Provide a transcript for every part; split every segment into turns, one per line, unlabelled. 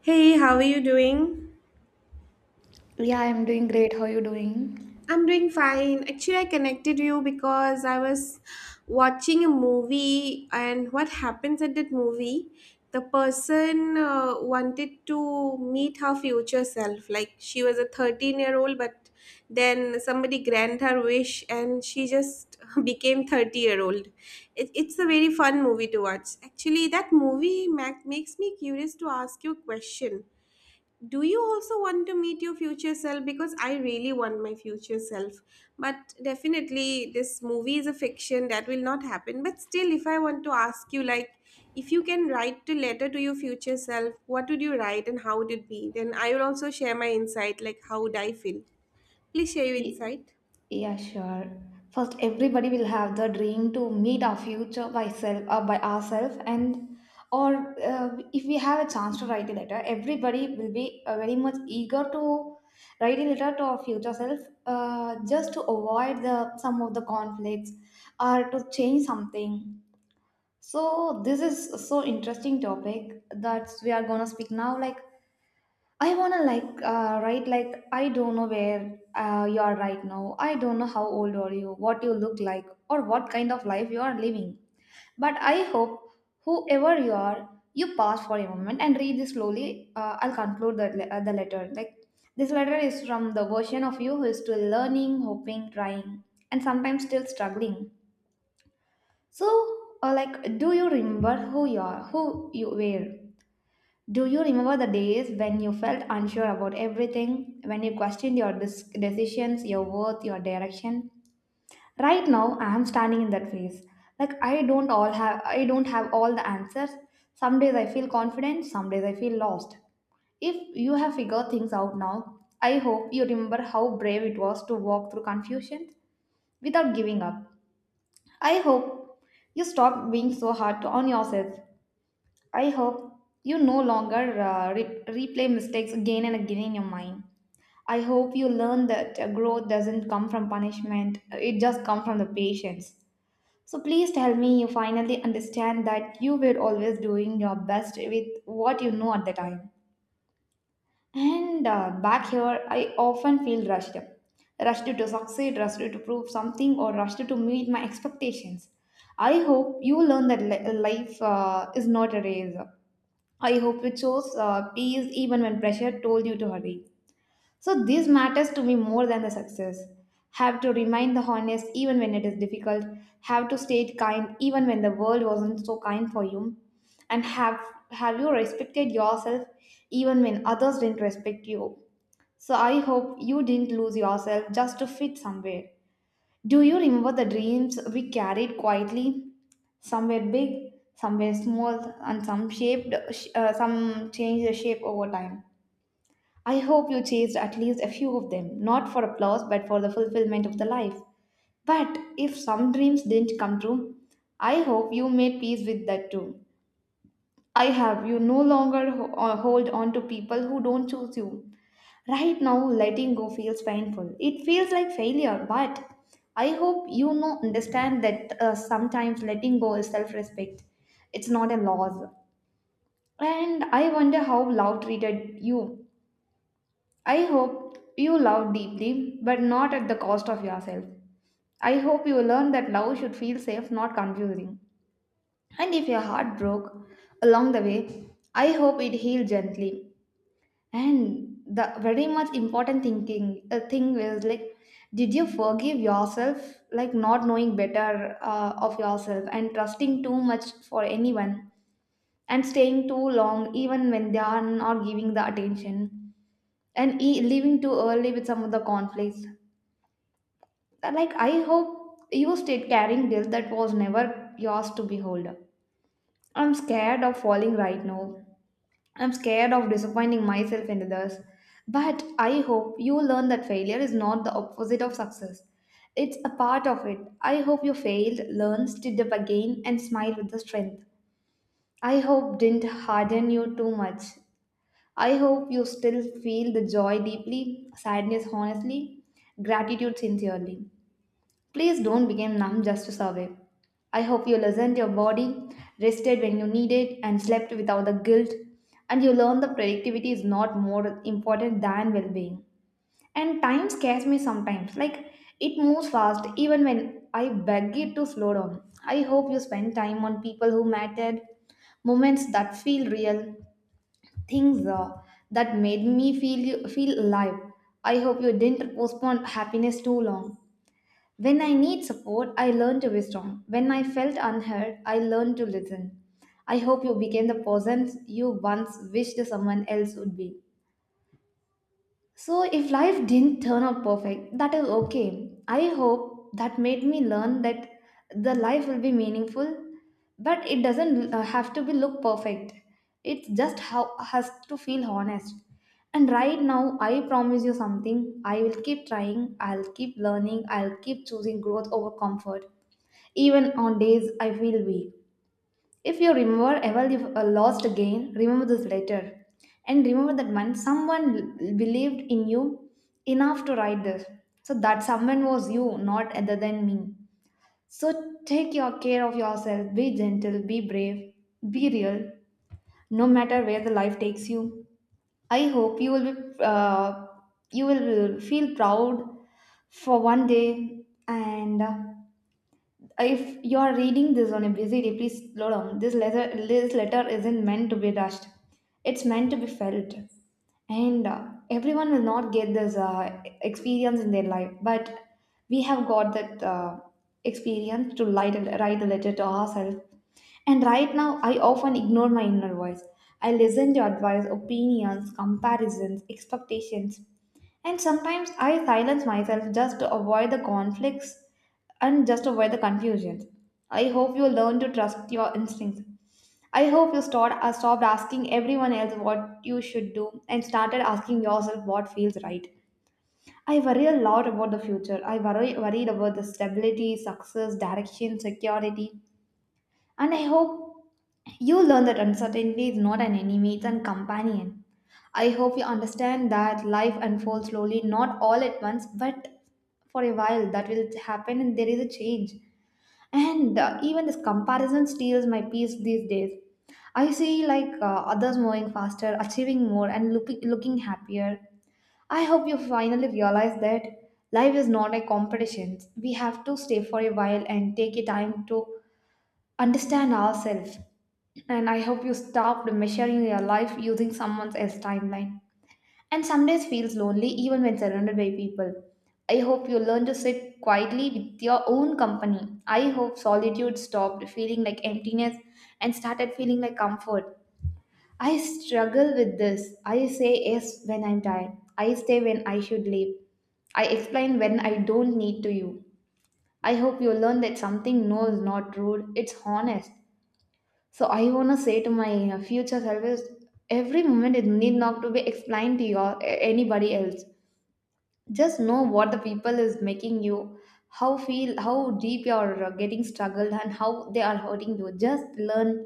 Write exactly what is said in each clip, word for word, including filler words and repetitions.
Hey, how are you doing?
Yeah, I'm doing great. How are you doing?
I'm doing fine. Actually, I connected you because I was watching a movie, and what happens at that movie? The person uh, wanted to meet her future self. Like she was a thirteen year old, but then somebody granted her wish, and she just became thirty year old. It, it's a very fun movie to watch. Actually, that movie ma- makes me curious to ask you a question. Do you also want to meet your future self? Because I really want my future self. But definitely this movie is a fiction that will not happen. But still, if I want to ask you, like, if you can write a letter to your future self, what would you write and how would it be? Then I will also share my insight, like how would I feel. Please share your
Ye-
insight.
Yeah, sure. First, everybody will have the dream to meet our future by self, uh, by ourselves, and or uh, if we have a chance to write a letter, everybody will be uh, very much eager to write a letter to our future self, uh, just to avoid the some of the conflicts or to change something. So this is so interesting topic that we are gonna speak now. Like I wanna like uh, write like I don't know where uh, you are right now. I don't know how old are you, what you look like, or what kind of life you are living. But I hope whoever you are, you pause for a moment and read this slowly. Uh, I'll conclude the le- uh, the letter. Like this letter is from the version of you who is still learning, hoping, trying, and sometimes still struggling. So, uh, like, do you remember who you are, who you were? Do you remember the days when you felt unsure about everything, when you questioned your dis- decisions, your worth, your direction? Right now, I am standing in that phase. Like I don't all have I don't have all the answers. Some days I feel confident, some days I feel lost. If you have figured things out now, I hope you remember how brave it was to walk through confusion without giving up. I hope you stop being so hard to- on yourself. I hope you no longer uh, re- replay mistakes again and again in your mind. I hope you learn that uh, growth doesn't come from punishment, uh, it just comes from the patience. So please tell me you finally understand that you were always doing your best with what you know at the time. And uh, back here, I often feel rushed. Rushed to succeed, rushed to prove something, or rushed to meet my expectations. I hope you learn that li- life uh, is not a race. I hope you chose uh, peace even when pressure told you to hurry. So this matters to me more than the success. Have to remain the honest even when it is difficult. Have to stay kind even when the world wasn't so kind for you. And have have you respected yourself even when others didn't respect you. So I hope you didn't lose yourself just to fit somewhere. Do you remember the dreams we carried quietly? Some were big, some were small, and some shaped, uh, some changed their shape over time. I hope you chased at least a few of them, not for applause, but for the fulfillment of the life. But if some dreams didn't come true, I hope you made peace with that too. I have. You no longer ho- uh, hold on to people who don't choose you. Right now, letting go feels painful. It feels like failure, but I hope you know understand that uh, sometimes letting go is self respect. It's not a loss. And I wonder how love treated you. I hope you love deeply, but not at the cost of yourself. I hope you learn that love should feel safe, not confusing. And if your heart broke along the way, I hope it healed gently. And the very much important thinking uh, thing was like, did you forgive yourself, like not knowing better uh, of yourself and trusting too much for anyone and staying too long even when they are not giving the attention and e- leaving too early with some of the conflicts. Uh, Like I hope you stayed carrying guilt that was never yours to behold. I'm scared of falling right now. I'm scared of disappointing myself and others. But I hope you learn that failure is not the opposite of success. It's a part of it. I hope you failed, learned, stood up again, and smiled with the strength. I hope didn't harden you too much. I hope you still feel the joy deeply, sadness honestly, gratitude sincerely. Please don't become numb just to survive. I hope you listened to your body, rested when you need it, and slept without the guilt. And you learned that productivity is not more important than well being. And time scares me sometimes. Like it moves fast even when I beg it to slow down. I hope you spend time on people who mattered, moments that feel real, things uh, that made me feel feel alive. I hope you didn't postpone happiness too long. When I need support, I learn to be strong. When I felt unheard, I learned to listen. I hope you became the person you once wished someone else would be. So, if life didn't turn out perfect, that is okay. I hope that made me learn that the life will be meaningful, but it doesn't uh, have to be look perfect. It just how has to feel honest. And right now, I promise you something. I will keep trying. I'll keep learning. I'll keep choosing growth over comfort, even on days I feel weak. If you remember ever you uh, lost again, remember this letter. And remember that one someone l- believed in you enough to write this. So that someone was you, not other than me. So take your care of yourself. Be gentle, be brave, be real. No matter where the life takes you. I hope you will be, uh, you will feel proud for one day and uh, if you are reading this on a busy day, please slow down. This letter, this letter isn't meant to be rushed. It's meant to be felt. And uh, everyone will not get this uh, experience in their life, but we have got that uh, experience to write a, write the letter to ourselves. And right now, I often ignore my inner voice. I listen to advice, opinions, comparisons, expectations. And sometimes I silence myself just to avoid the conflicts and just to avoid the confusions. I hope you learn to trust your instincts. I hope you start, uh, stopped asking everyone else what you should do and started asking yourself what feels right. I worry a lot about the future. I worry worried about the stability, success, direction, security. And I hope you learn that uncertainty is not an enemy, it's a companion. I hope you understand that life unfolds slowly, not all at once, but for a while that will happen and there is a change. And uh, even this comparison steals my peace these days. I see like uh, others moving faster, achieving more, and looking looking happier. I hope you finally realize that life is not a competition. We have to stay for a while and take a time to understand ourselves. And I hope you stopped measuring your life using someone else's timeline. And some days feels lonely even when surrounded by people. I hope you learn to sit quietly with your own company. I hope solitude stopped feeling like emptiness and started feeling like comfort. I struggle with this. I say yes when I'm tired. I stay when I should leave. I explain when I don't need to you. I hope you learn that something no is not rude, it's honest. So I wanna say to my uh, future self is every moment it need not to be explained to your a- anybody else. Just know what the people is making you, how feel, how deep you're uh, getting struggled, and how they are hurting you. Just learn,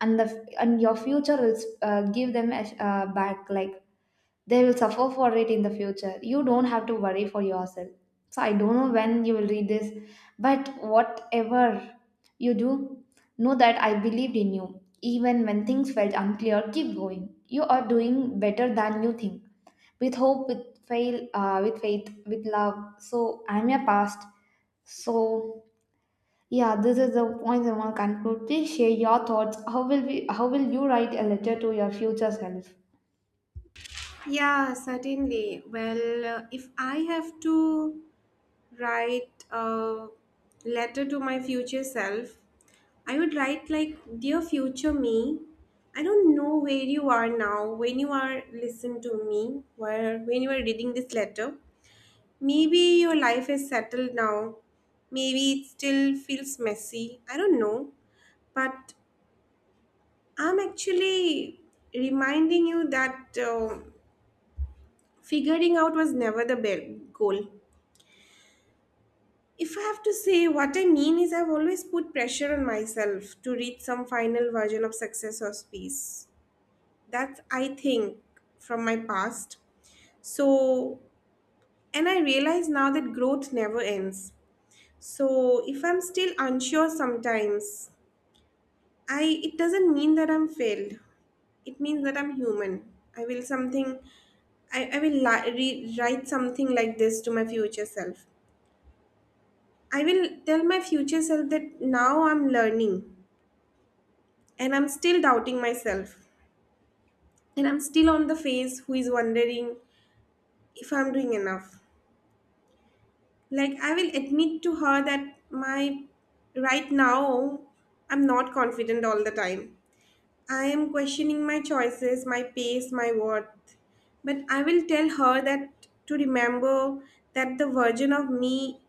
and the and your future will uh, give them a, uh, back like they will suffer for it in the future. You don't have to worry for yourself. So I don't know when you will read this, but whatever you do, know that I believed in you. Even when things felt unclear, keep going. You are doing better than you think. With hope, with fail, uh, with faith, with love. So I'm your past. So yeah, this is the point I want to conclude. Please share your thoughts. How will we? How will you write a letter to your future self?
Yeah, certainly. Well, uh, if I have to write a letter to my future self, I would write like, Dear future me, I don't know where you are now, when you are listening to me, where when you are reading this letter. Maybe your life is settled now. Maybe it still feels messy. I don't know. But I'm actually reminding you that uh, figuring out was never the be- goal. If I have to say, what I mean is I've always put pressure on myself to reach some final version of success or peace. That's, I think, from my past. So, and I realize now that growth never ends. So if I'm still unsure sometimes, I it doesn't mean that I'm failed. It means that I'm human. I will something. I, I will li- re- write something like this to my future self. I will tell my future self that now I'm learning, and I'm still doubting myself, and I'm still on the phase who is wondering if I'm doing enough. Like, I will admit to her that my right now I'm not confident all the time. I am questioning my choices, my pace, my worth. But I will tell her that to remember that the version of me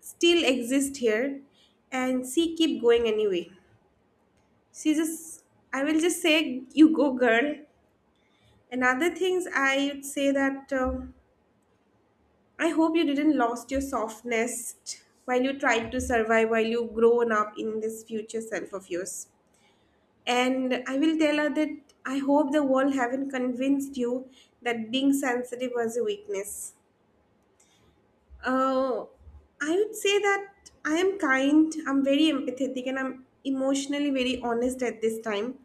still exists here, and she keep going anyway. She just, I will just say, you go girl. And other things I would say that. Uh, I hope you didn't lost your softness while you tried to survive, while you grown up in this future self of yours. And I will tell her that I hope the world haven't convinced you that being sensitive was a weakness. Uh, I would say that I am kind, I'm very empathetic, and I'm emotionally very honest at this time.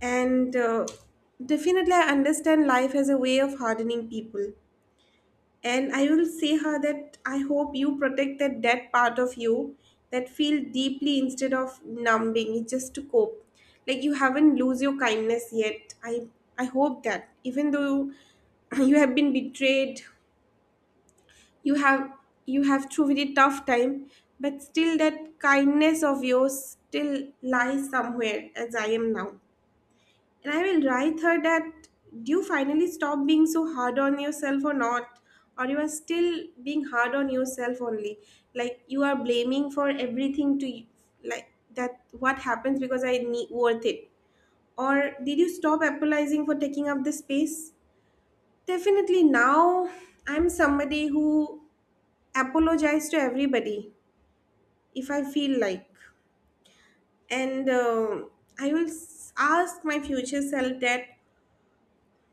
And uh, definitely, I understand life as a way of hardening people. And I will say her that I hope you protect that that part of you that feel deeply, instead of numbing it just to cope. Like, you haven't lose your kindness yet. I i hope that even though you have been betrayed, you have you have through very tough time, but still that kindness of yours still lies somewhere, as I am now. And I will write her that, do you finally stop being so hard on yourself or not? Or you are still being hard on yourself only. Like, you are blaming for everything to, like, that what happens because I need worth it. Or did you stop apologizing for taking up the space? Definitely now I'm somebody who apologize to everybody if I feel like. And um I will s- ask my future self that,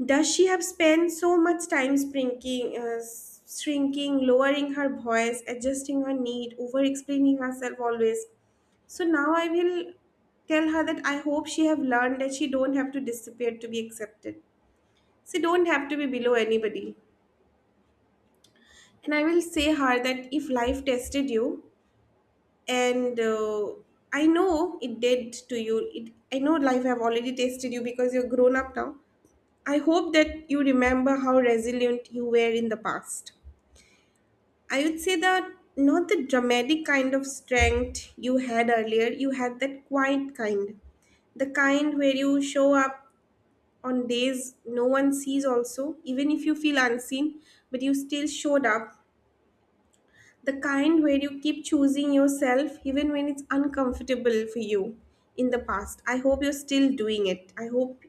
does she have spent so much time shrinking, uh, shrinking, lowering her voice, adjusting her need, over explaining herself always? So now I will tell her that I hope she have learned that she don't have to disappear to be accepted. She don't have to be below anybody. And I will say her that if life tested you, and uh, I know it did to you, it, I know life have already tested you, because you're grown up now. I hope that you remember how resilient you were in the past. I would say that not the dramatic kind of strength you had earlier, you had that quiet kind. The kind where you show up on days no one sees, also, even if you feel unseen, but you still showed up. The kind where you keep choosing yourself even when it's uncomfortable for you in the past. I hope you're still doing it. I hope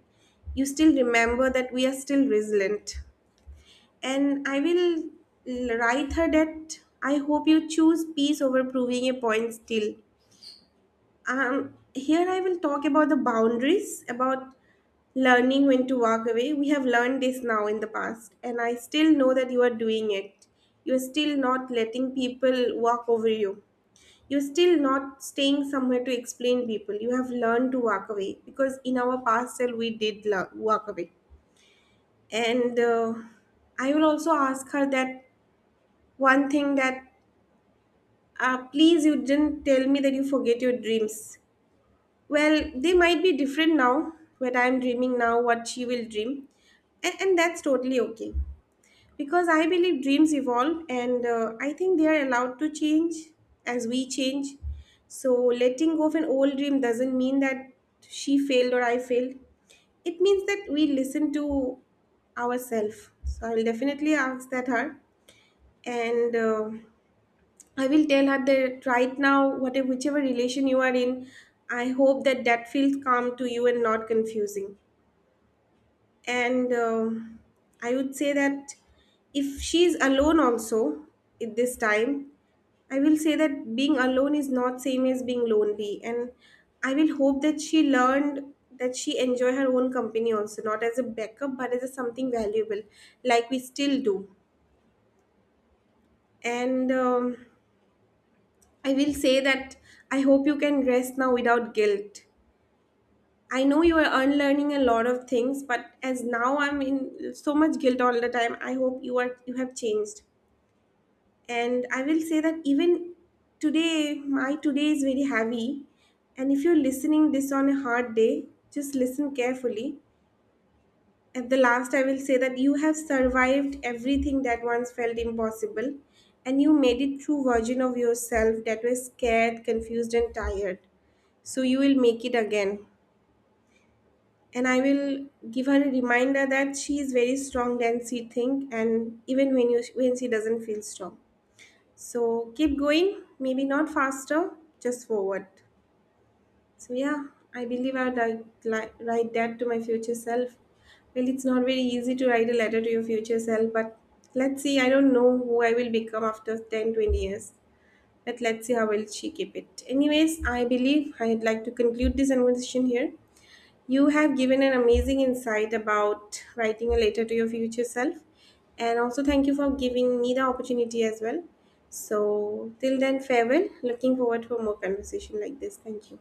you still remember that we are still resilient. And I will l- write her that I hope you choose peace over proving a point still. Um, here I will talk about the boundaries, about learning when to walk away. We have learned this now in the past, and I still know that you are doing it. You're still not letting people walk over you. You're still not staying somewhere to explain people. You have learned to walk away, because in our past self we did lo- walk away. And uh, I will also ask her that, one thing that, uh, please you didn't tell me that you forget your dreams. Well, they might be different now. What I'm dreaming now, what she will dream. And, and that's totally okay, because I believe dreams evolve, and uh, I think they are allowed to change as we change. So letting go of an old dream doesn't mean that she failed or I failed. It means that we listen to ourselves. So I will definitely ask that her. And uh, I will tell her that right now, whatever whichever relation you are in, I hope that that feels calm to you and not confusing. And um I would say that, if she's alone also at this time, I will say that being alone is not same as being lonely, and I will hope that she learned that she enjoy her own company also, not as a backup but as a something valuable, like we still do. And um, I will say that I hope you can rest now without guilt. I know you are unlearning a lot of things, but as now I'm in so much guilt all the time, I hope you are you have changed. And I will say that even today, my today is very heavy. And if you're listening this on a hard day, just listen carefully. At the last, I will say that you have survived everything that once felt impossible, and you made it true version of yourself that was scared, confused, and tired. So you will make it again. And I will give her a reminder that she is very strong than she think, and even when you when she doesn't feel strong. So keep going, maybe not faster, just forward. So yeah, I believe I'd like, like, write that to my future self. Well, it's not very easy to write a letter to your future self, but let's see. I don't know who I will become after ten, twenty years. But let's see how will she keep it. Anyways, I believe I'd like to conclude this conversation here. You have given an amazing insight about writing a letter to your future self. And also thank you for giving me the opportunity as well. So till then, farewell. Looking forward for more conversation like this. Thank you.